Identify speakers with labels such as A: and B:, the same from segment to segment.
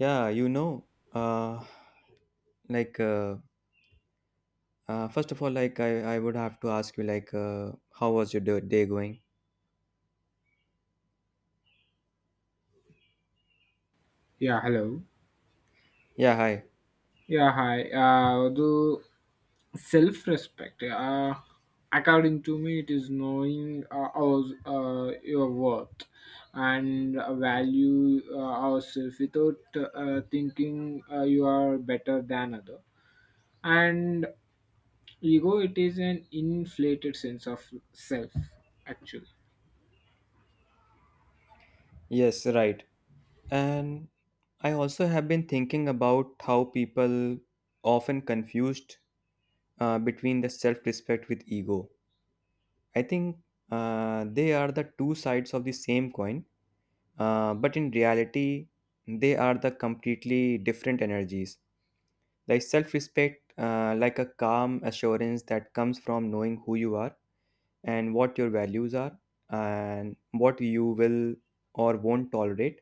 A: Yeah, you know, uh, like first of all, like I would have to ask you, how was your day going?
B: Yeah, hello.
A: Yeah, hi.
B: Yeah, hi. The self respect, according to me, it is knowing your worth and value ourselves without thinking you are better than other. And ego, it is an inflated sense of self, actually.
A: Yes, right. And I also have been thinking about how people often confused between the self-respect with ego. I think they are the two sides of the same coin, but in reality, they are the completely different energies. Like self respect, like a calm assurance that comes from knowing who you are and what your values are and what you will or won't tolerate.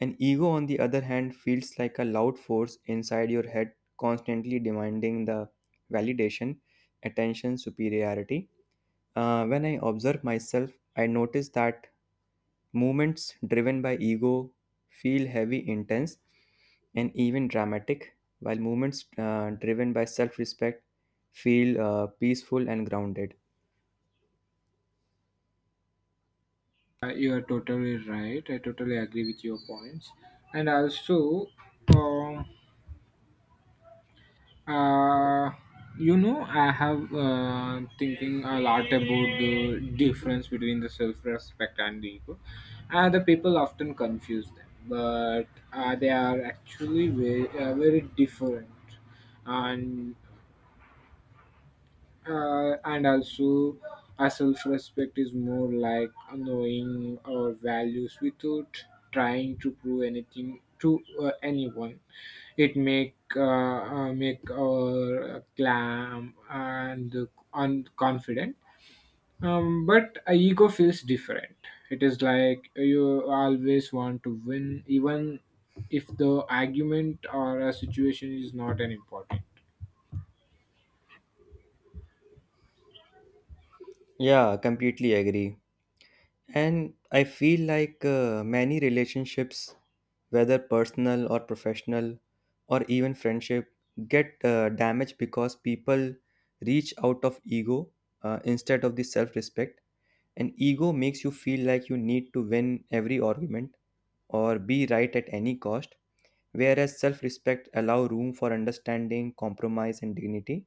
A: An ego, on the other hand, feels like a loud force inside your head, constantly demanding the validation, attention, superiority. When I observe myself, I notice that movements driven by ego feel heavy, intense, and even dramatic, while movements driven by self respect feel peaceful and grounded.
B: You are totally right. I totally agree with your points. And also, um, Uh, I have thinking a lot about the difference between the self-respect and the ego. The people often confuse them, but they are actually very different. And and also our self-respect is more like knowing our values without trying to prove anything to anyone. It make make our calm and confident, but a ego feels different. It is like you always want to win even if the argument or a situation is not an important.
A: Yeah, completely agree. And I feel like many relationships, whether personal or professional, or even friendship, get damaged because people reach out of ego instead of the self respect. And ego makes you feel like you need to win every argument or be right at any cost, whereas self respect allow room for understanding, compromise, and dignity.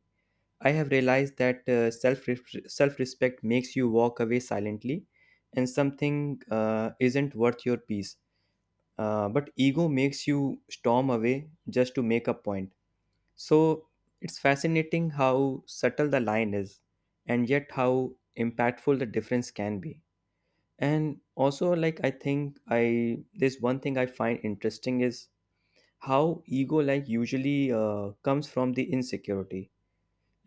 A: I have realized that self respect makes you walk away silently, and something isn't worth your peace. But ego makes you storm away just to make a point. So it's fascinating how subtle the line is, and yet how impactful the difference can be. And also, like I think I this one thing I find interesting is how ego, like, usually comes from the insecurity,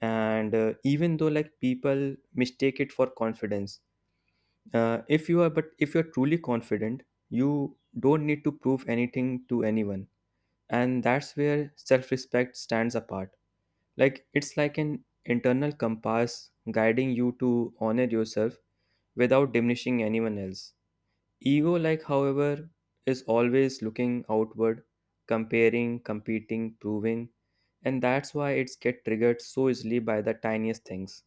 A: and even though, like, people mistake it for confidence. If you are truly confident, you don't need to prove anything to anyone, and that's where self-respect stands apart. Like, it's like an internal compass guiding you to honor yourself without diminishing anyone else. Ego, like, however, is always looking outward, comparing, competing, proving, and that's why it's get triggered so easily by the tiniest things.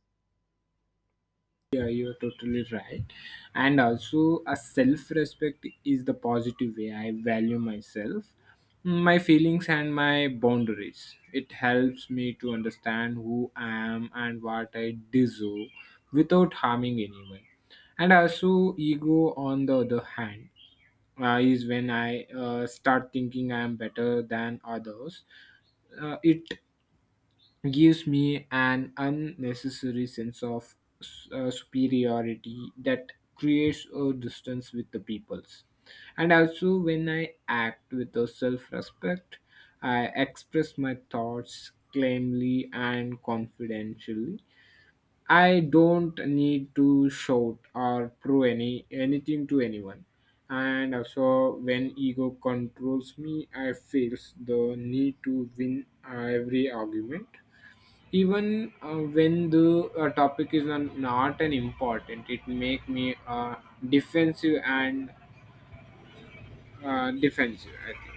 B: Yeah, you're totally right. And also, a self respect is the positive way I value myself, my feelings, and my boundaries. It helps me to understand who I am and what I deserve without harming anyone. And also, ego, on the other hand, is when I start thinking I am better than others. It gives me an unnecessary sense of superiority that creates a distance with the peoples. And also when I act with a self-respect, I express my thoughts calmly and confidentially. I don't need to shout or prove anything to anyone. And also when ego controls me, I feel the need to win every argument even when the topic is not an important. It make me defensive and defensive, I think.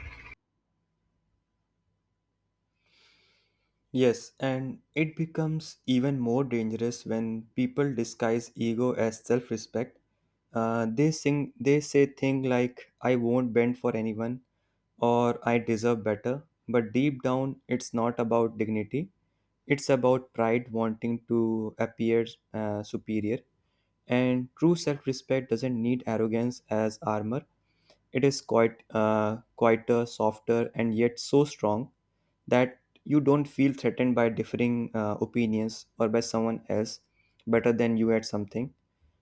A: Yes, and it becomes even more dangerous when people disguise ego as self-respect. They say things like "I won't bend for anyone" or "I deserve better," but deep down, it's not about dignity. It's about pride wanting to appear superior. And true self-respect doesn't need arrogance as armor. It is quite quieter, softer, and yet so strong that you don't feel threatened by differing opinions or by someone else better than you at something.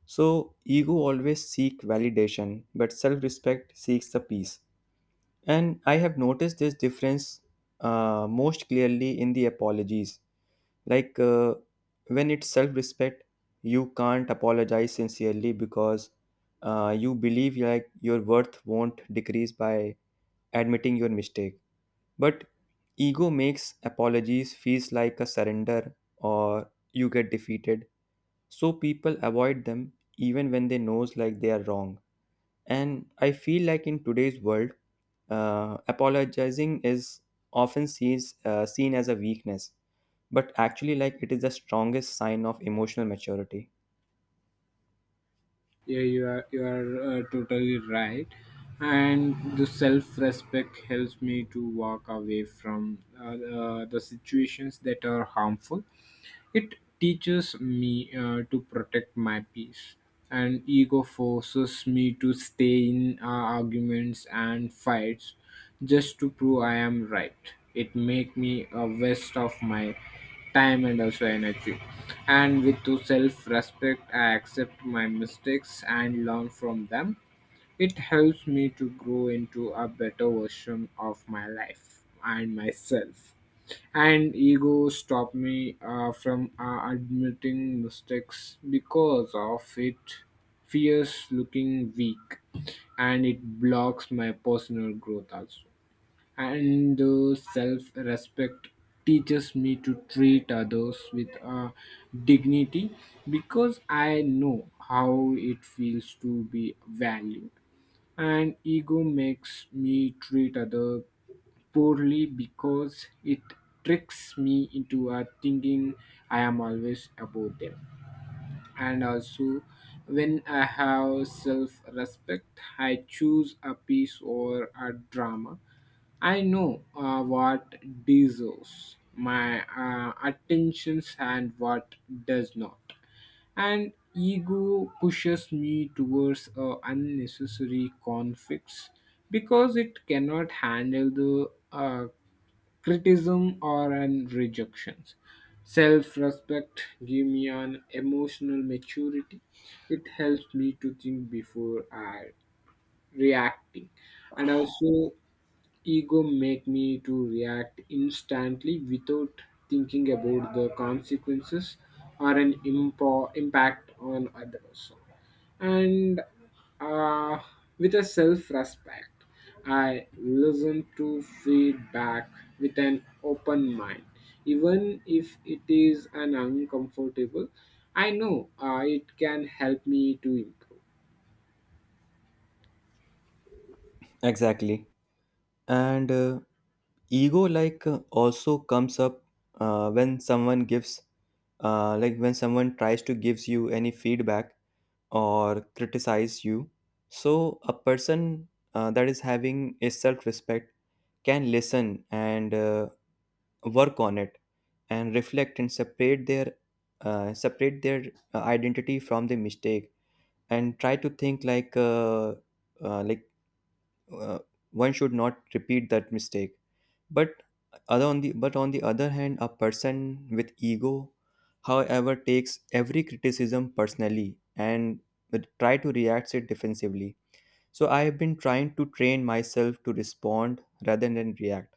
A: So ego always seek validation, but self-respect seeks the peace. And I have noticed this difference most clearly in the apologies. Like uh, when it's self respect, you can't apologize sincerely because you believe, like, your worth won't decrease by admitting your mistake. But ego makes apologies feels like a surrender or you get defeated. So people avoid them even when they knows like they are wrong. And I feel like in today's world, apologizing is often seen as a weakness, but actually, like, it is the strongest sign of emotional maturity.
B: Yeah, you are totally right. And the self respect helps me to walk away from the situations that are harmful. It teaches me to protect my peace, and ego forces me to stay in arguments and fights just to prove I am right. It make me a waste of my time and also energy. And with to self-respect, I accept my mistakes and learn from them. It helps me to grow into a better version of my life and myself. And ego stopped me from admitting mistakes because of it fears looking weak, and it blocks my personal growth also. And the self-respect teaches me to treat others with dignity because I know how it feels to be valued. And ego makes me treat other poorly because it tricks me into thinking I am always above them. And also, when I have self respect, I choose a piece or a drama. I know what deserves my attentions and what does not. And ego pushes me towards unnecessary conflicts because it cannot handle the criticism or an rejections. Self-respect give me an emotional maturity. It helps me to think before I reacting. And also, ego make me to react instantly without thinking about the consequences or an impact on others. And uh, with a self-respect, I listen to feedback with an open mind, even if it is an uncomfortable. I know it can help me to improve.
A: Exactly. and Ego, like, also comes up when someone gives like when someone tries to gives you any feedback or criticize you. So a person that is having a self-respect can listen and work on it and reflect and separate their identity from the mistake and try to think like uh, one should not repeat that mistake. But other on the but on the other hand, a person with ego, however, takes every criticism personally and would try to react it defensively. So I have been trying to train myself to respond rather than react,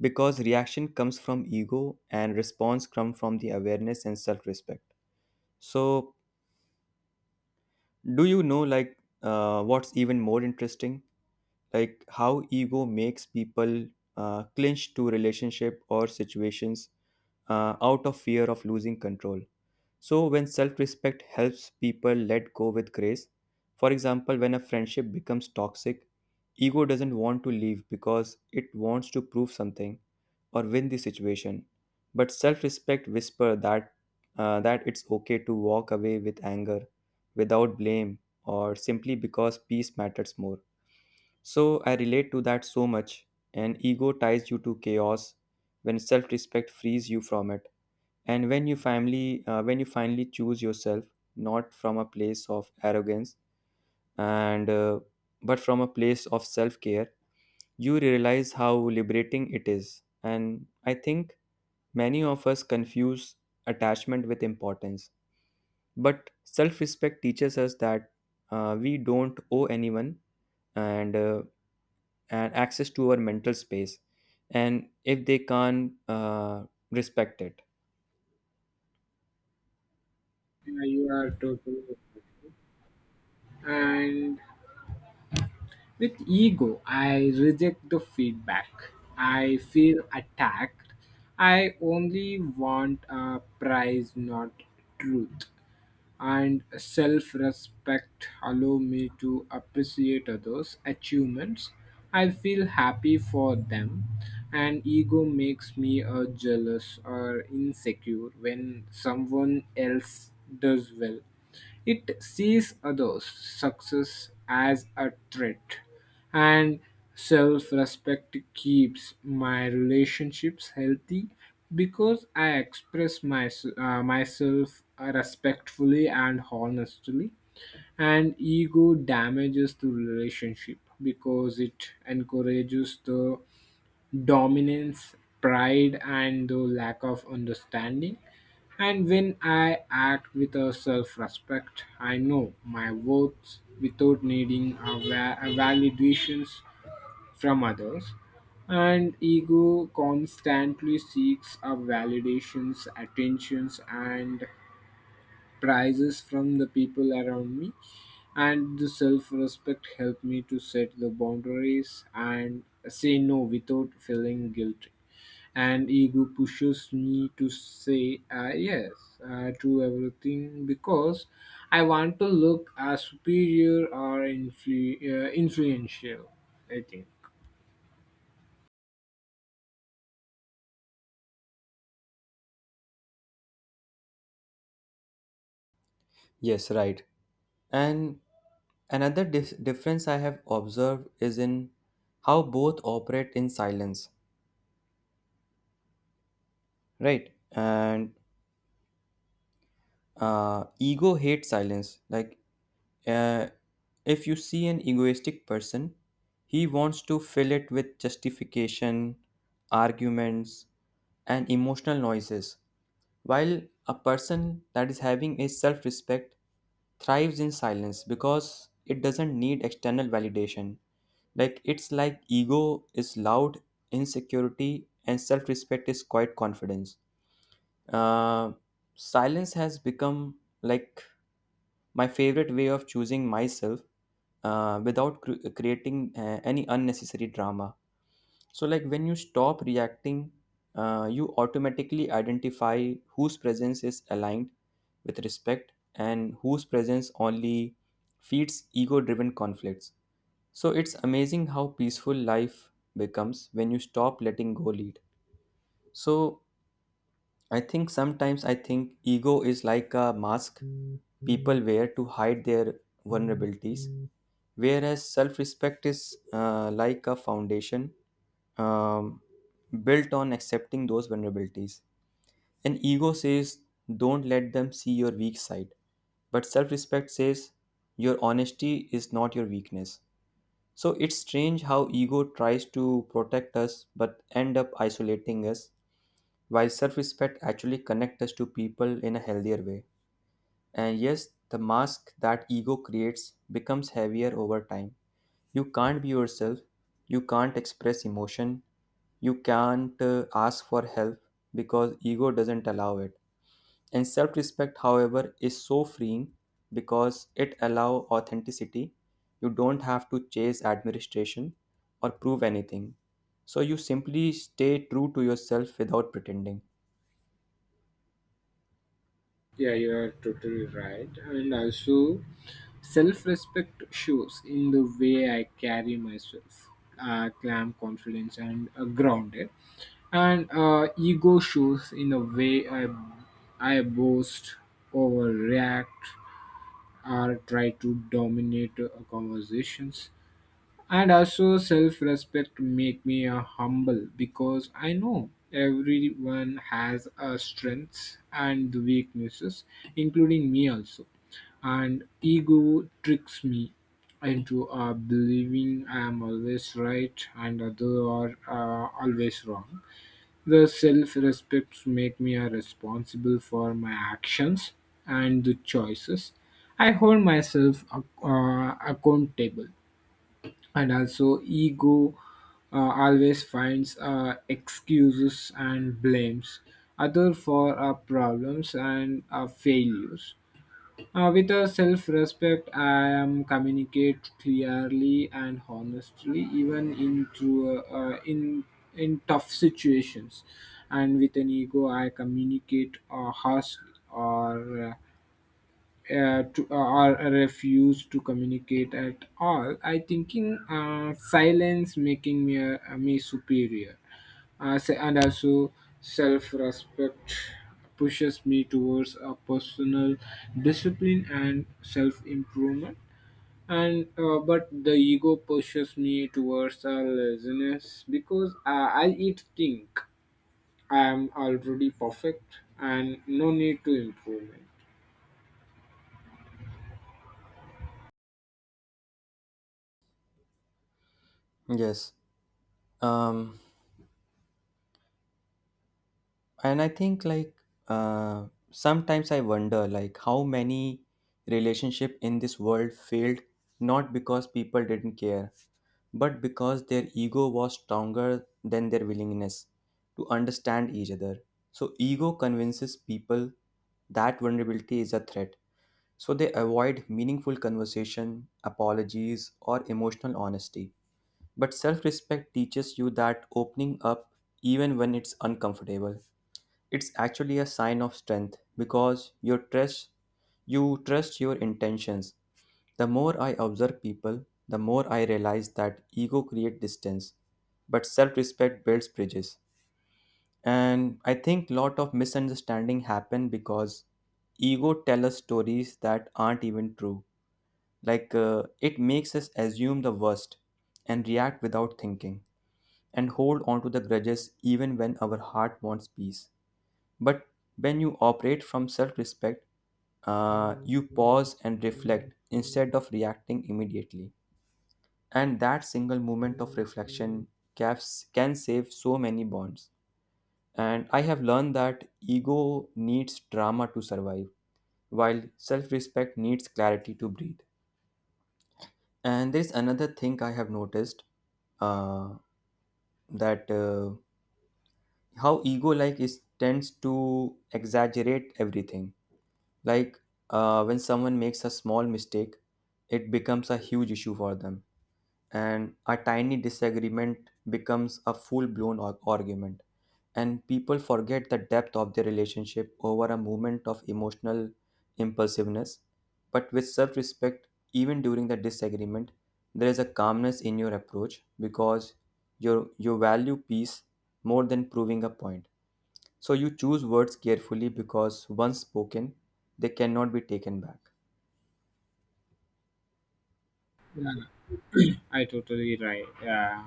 A: because reaction comes from ego and response comes from the awareness and self-respect. So, do you know, what's even more interesting, like how ego makes people clinch to relationship or situations out of fear of losing control. So when self-respect helps people let go with grace. For example, when a friendship becomes toxic, ego doesn't want to leave because it wants to prove something or win the situation. But self-respect whisper that, that it's okay to walk away with anger, without blame, or simply because peace matters more. So I relate to that so much. And ego ties you to chaos, when self-respect frees you from it. And when you finally choose yourself, not from a place of arrogance, and but from a place of self-care, you realize how liberating it is. And I think many of us confuse attachment with importance. But self-respect teaches us that we don't owe anyone and uh, and access to our mental space, and if they can't respect it.
B: Yeah, you are totally right. and With ego, I reject the feedback. I feel attacked. I only want a prize, not truth. And self respect allow me to appreciate others' achievements. I feel happy for them, and ego makes me jealous or insecure when someone else does well. It sees others' success as a threat, and self respect keeps my relationships healthy because I express myself respectfully and honestly. And ego damages the relationship because it encourages the dominance, pride, and the lack of understanding. And when I act with a self respect, I know my worth without needing a validations from others. And ego constantly seeks a validations, attentions, and prizes from the people around me. And the self respect helped me to set the boundaries and say no without feeling guilty. And ego pushes me to say yes to everything because I want to look as superior or influential, I think.
A: Yes, right. And another difference I have observed is in how both operate in silence, right? And ego hates silence. Uh, if you see an egoistic person, he wants to fill it with justification, arguments, and emotional noises, while a person that is having a self-respect thrives in silence because it doesn't need external validation. Like, it's like ego is loud, insecurity, and self respect is quiet confidence. Uh, Silence has become like my favorite way of choosing myself without creating any unnecessary drama. So, like, when you stop reacting, you automatically identify whose presence is aligned with respect and whose presence only feeds ego driven conflicts. So, it's amazing how peaceful life becomes when you stop letting go lead. So, I think sometimes I think ego is like a mask people wear to hide their vulnerabilities, whereas self respect is like a foundation um, built on accepting those vulnerabilities. And ego says, don't let them see your weak side. But self respect says, your honesty is not your weakness. So it's strange how ego tries to protect us but end up isolating us, while self respect actually connects us to people in a healthier way. And yes, the mask that ego creates becomes heavier over time. You can't be yourself, you can't express emotion, you can't ask for help, because ego doesn't allow it. And self respect, however, is so freeing because it allows authenticity. You don't have to chase admiration or prove anything. So you simply stay true to yourself without pretending.
B: Yeah, you are totally right. And also, self respect shows in the way I carry myself, calm, confidence, and grounded. And ego shows in the way I boast, overreact, or try to dominate conversations. And also self-respect make me humble because I know everyone has strengths and weaknesses, including me also. And ego tricks me into believing I am always right and others are always wrong. The self respect make me a responsible for my actions and the choices. I hold myself accountable. And also ego always finds excuses and blames other for our problems and our failures. With a self-respect, I am communicate clearly and honestly, even in through in tough situations. And with an ego, I communicate harshly or refuse to communicate at all. I thinking silence making me superior, and also self respect pushes me towards a personal discipline and self improvement. And But the ego pushes me towards a laziness because I it think I am already perfect and no need to improvement.
A: Yes. Um, and I think like sometimes I wonder like how many relationship in this world failed not because people didn't care, but because their ego was stronger than their willingness to understand each other. So ego convinces people that vulnerability is a threat, so they avoid meaningful conversation, apologies, or emotional honesty. But self-respect teaches you that opening up, even when it's uncomfortable, it's actually a sign of strength because you trust your intentions. The more I observe people, the more I realize that ego creates distance, but self-respect builds bridges. And I think lot of misunderstanding happen because ego tell us stories that aren't even true. It makes us assume the worst and react without thinking and hold on to the grudges even when our heart wants peace. But when you operate from self respect, you pause and reflect instead of reacting immediately. And that single moment of reflection can save so many bonds. And I have learned that ego needs drama to survive, while self respect needs clarity to breathe. And there's another thing I have noticed uh, that how ego, like, is tends to exaggerate everything. Like when someone makes a small mistake, it becomes a huge issue for them, and a tiny disagreement becomes a full blown argument. And people forget the depth of their relationship over a moment of emotional impulsiveness. But with self respect, even during the disagreement, there is a calmness in your approach because you value peace more than proving a point. So you choose words carefully because once spoken, they cannot be taken back.
B: I totally right.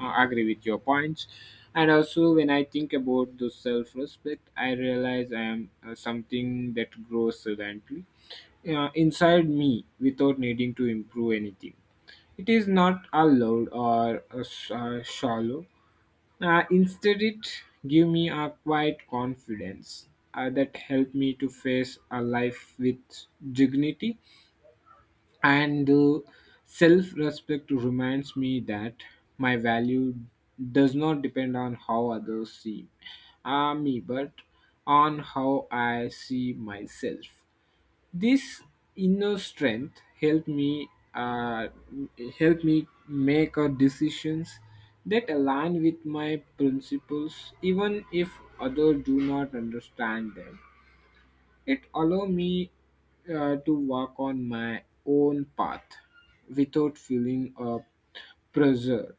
B: I agree with your points. And also, when I think about the self-respect, I realize I am something that grows silently inside me without needing to improve anything. It is not a loud or shallow. Instead, it give me a quiet confidence that helped me to face a life with dignity. And the self respect reminds me that my value does not depend on how others see me, but on how I see myself. This inner strength uh, help me make decisions that align with my principles even if others do not understand them. It allow me to walk on my own path without feeling pressure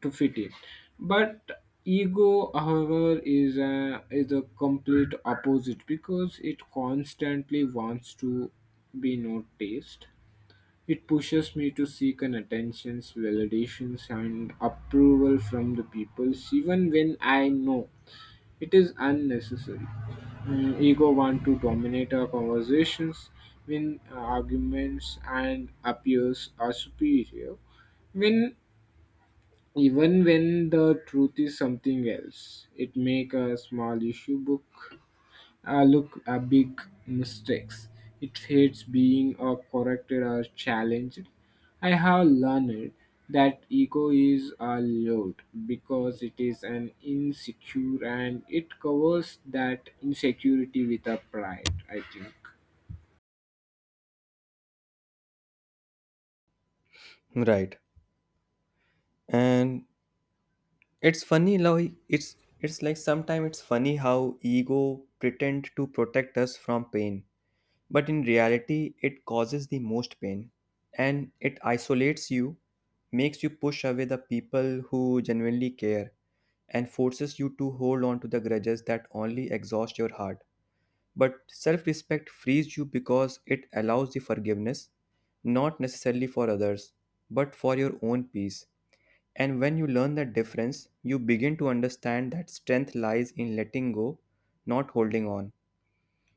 B: to fit in. But ego, however, is a complete opposite because it constantly wants to be noticed. It pushes me to seek an attention, validations, and approval from the people, even when I know it is unnecessary. Mm, ego want to dominate our conversations, win arguments, and appears are superior. When Even when the truth is something else, it make a small issue book look, a big mistakes. It hates being corrected or challenged. I have learned that ego is a load because it is an insecure and it covers that insecurity with a pride, I think.
A: Right. And it's funny how he- it's like sometimes it's funny how ego pretend to protect us from pain, but in reality it causes the most pain and it isolates you, makes you push away the people who genuinely care and forces you to hold on to the grudges that only exhaust your heart. But self respect frees you because it allows the forgiveness, not necessarily for others, but for your own peace. And when you learn that difference, you begin to understand that strength lies in letting go, not holding on.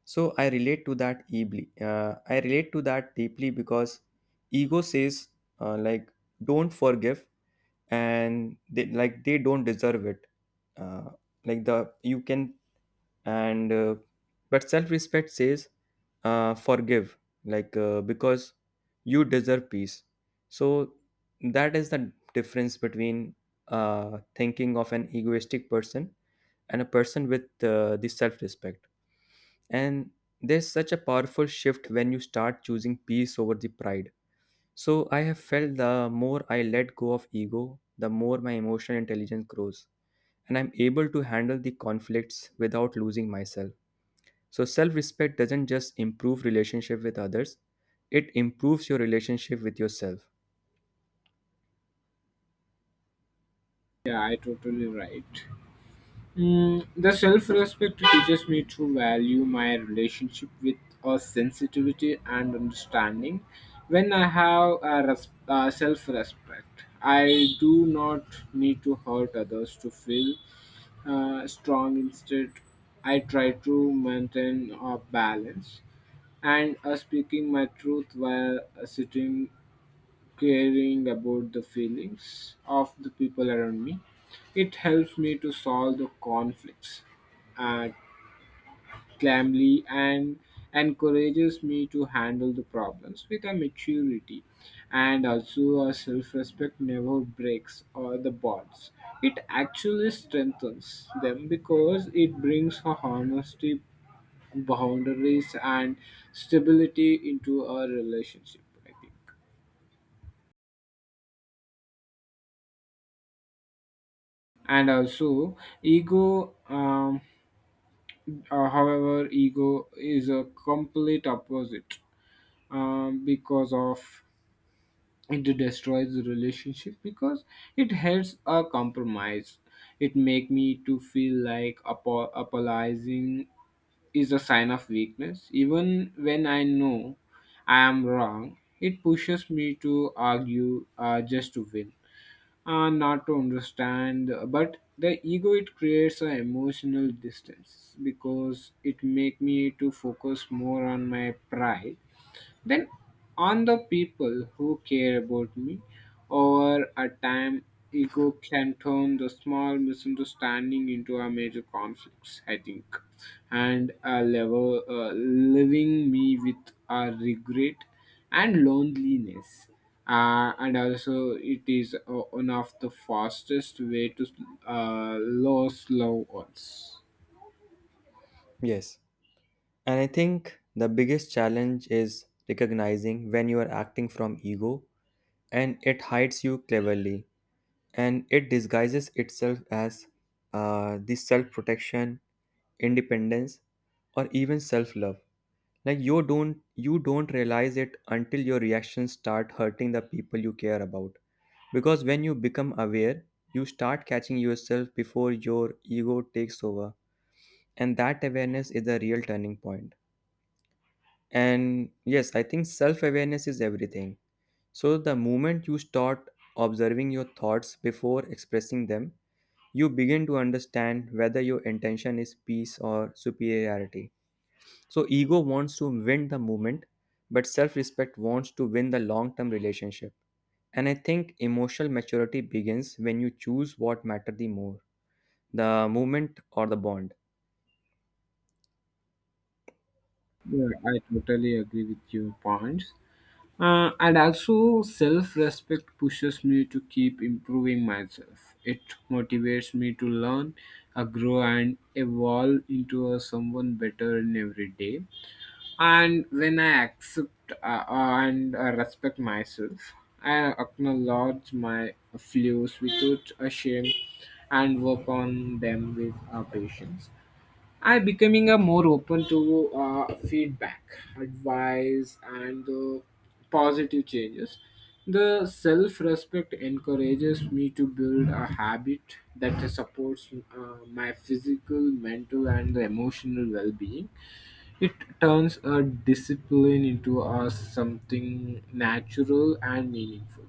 A: So I relate to that deeply. I relate to that deeply because ego says, uh, like don't forgive, and they like they don't deserve it. Uh, like the you can and but self-respect says, forgive, because you deserve peace. So that is the difference between thinking of an egoistic person and a person with the self-respect. And there's such a powerful shift when you start choosing peace over the pride. So I have felt, the more I let go of ego, the more my emotional intelligence grows, and I'm able to handle the conflicts without losing myself. So self-respect doesn't just improve relationship with others, it improves your relationship with yourself.
B: Yeah, I totally right. Mm, the self respect teaches me to value my relationship with a sensitivity and understanding. When I have self respect, I do not need to hurt others to feel strong. Instead, I try to maintain a balance and speaking my truth while sitting caring about the feelings of the people around me. It helps me to solve the conflicts uh, calmly and encourages me to handle the problems with a maturity. And also a self-respect never breaks or the bonds. It actually strengthens them because it brings a honesty, boundaries, and stability into a relationship, I think. And also ego um, uh, however ego is a complete opposite, because of it destroys the relationship because it helps a compromise. It make me to feel like apologizing is a sign of weakness even when I know I am wrong. It pushes me to argue just to win and not to understand. But the ego, it creates an emotional distance because it make me to focus more on my pride then on the people who care about me. Over a time, ego can turn the small misunderstanding into a major conflicts, I think, and a level leaving me with a regret and loneliness. And also, it is one of the fastest way to uh, lose loved ones.
A: Yes. And I think the biggest challenge is recognizing when you are acting from ego, and it hides you cleverly, and it disguises itself as the self protection, independence, or even self love. Like, you don't realize it until your reactions start hurting the people you care about, because when you become aware you start catching yourself before your ego takes over, and that awareness is the real turning point. And yes, I think self awareness is everything. So the moment you start observing your thoughts before expressing them, you begin to understand whether your intention is peace or superiority. So ego wants to win the movement, but self-respect wants to win the long-term relationship. And I think emotional maturity begins when you choose what matter the more, the movement or the bond.
B: Yeah, I totally agree with your points. And also, self respect pushes me to keep improving myself. It motivates me to learn, grow, and evolve into a someone better in every day. And when I accept and respect myself, I acknowledge my flaws without a shame and work on them with patience. I becoming a more open to feedback, advice, and the positive changes. The self-respect encourages me to build a habit that supports my physical, mental, and the emotional well-being. It turns a discipline into a something natural and meaningful.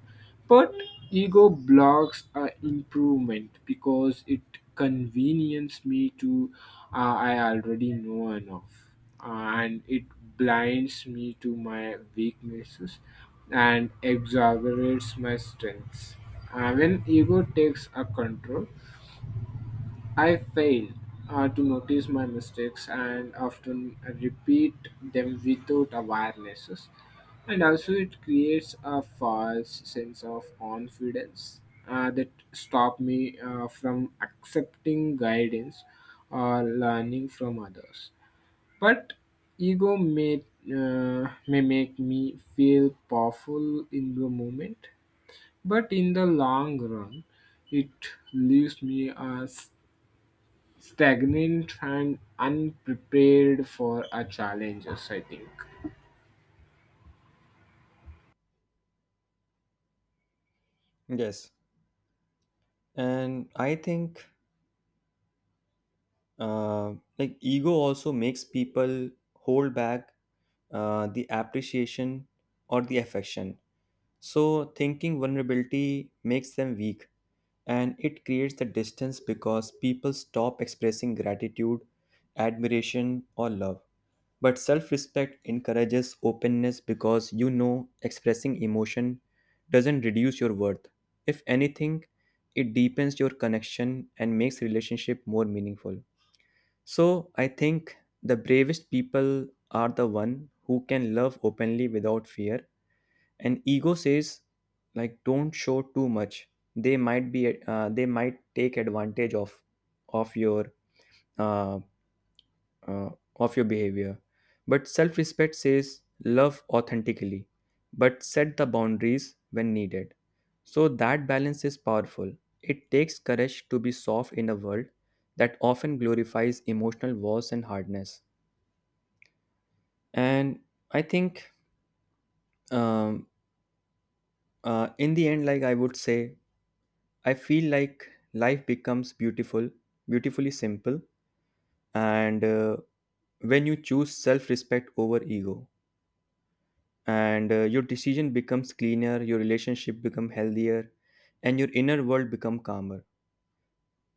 B: But ego blocks improvement because it convenience me to I already know enough, and it blinds me to my weaknesses and exaggerates my strengths. When ego takes a control, I fail to notice my mistakes and often repeat them without awarenesses. And also, it creates a false sense of confidence that stop me from accepting guidance or learning from others. But ego may make me feel powerful in the moment, but in the long run, it leaves me as stagnant and unprepared for our challenges, I think.
A: Yes, and I think like ego also makes people hold back the appreciation or the affection. So thinking vulnerability makes them weak, and it creates the distance because people stop expressing gratitude, admiration, or love. But self respect encourages openness because you know expressing emotion doesn't reduce your worth. If anything, it deepens your connection and makes relationship more meaningful. So I think the bravest people are the one who can love openly without fear. And ego says, like, don't show too much, they might take advantage of of your uh, uh, your behavior. But self respect says, love authentically but set the boundaries when needed. So that balance is powerful. It takes courage to be soft in a world that often glorifies emotional wars and hardness. And I think, um, in the end, like, I would say, I feel like life becomes beautiful, beautifully simple, and when you choose self-respect over ego, and your decision becomes cleaner, your relationship become healthier, and your inner world become calmer.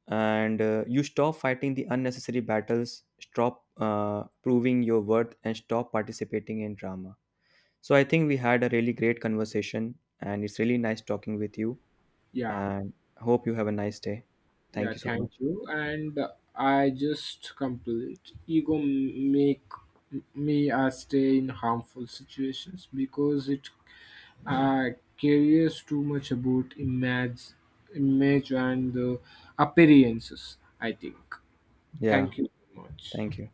A: And You stop fighting the unnecessary battles, stop proving your worth, and stop participating in drama. So I think we had a really great conversation, and it's really nice talking with you.
B: Yeah.
A: And hope you have a nice day.
B: Yeah,
A: Thank you so
B: thank
A: much.
B: you. And I just complete ego make me stay in harmful situations because it uh, cares too much about image and the appearances, I think.
A: Yeah.
B: Thank you very much.
A: Thank you.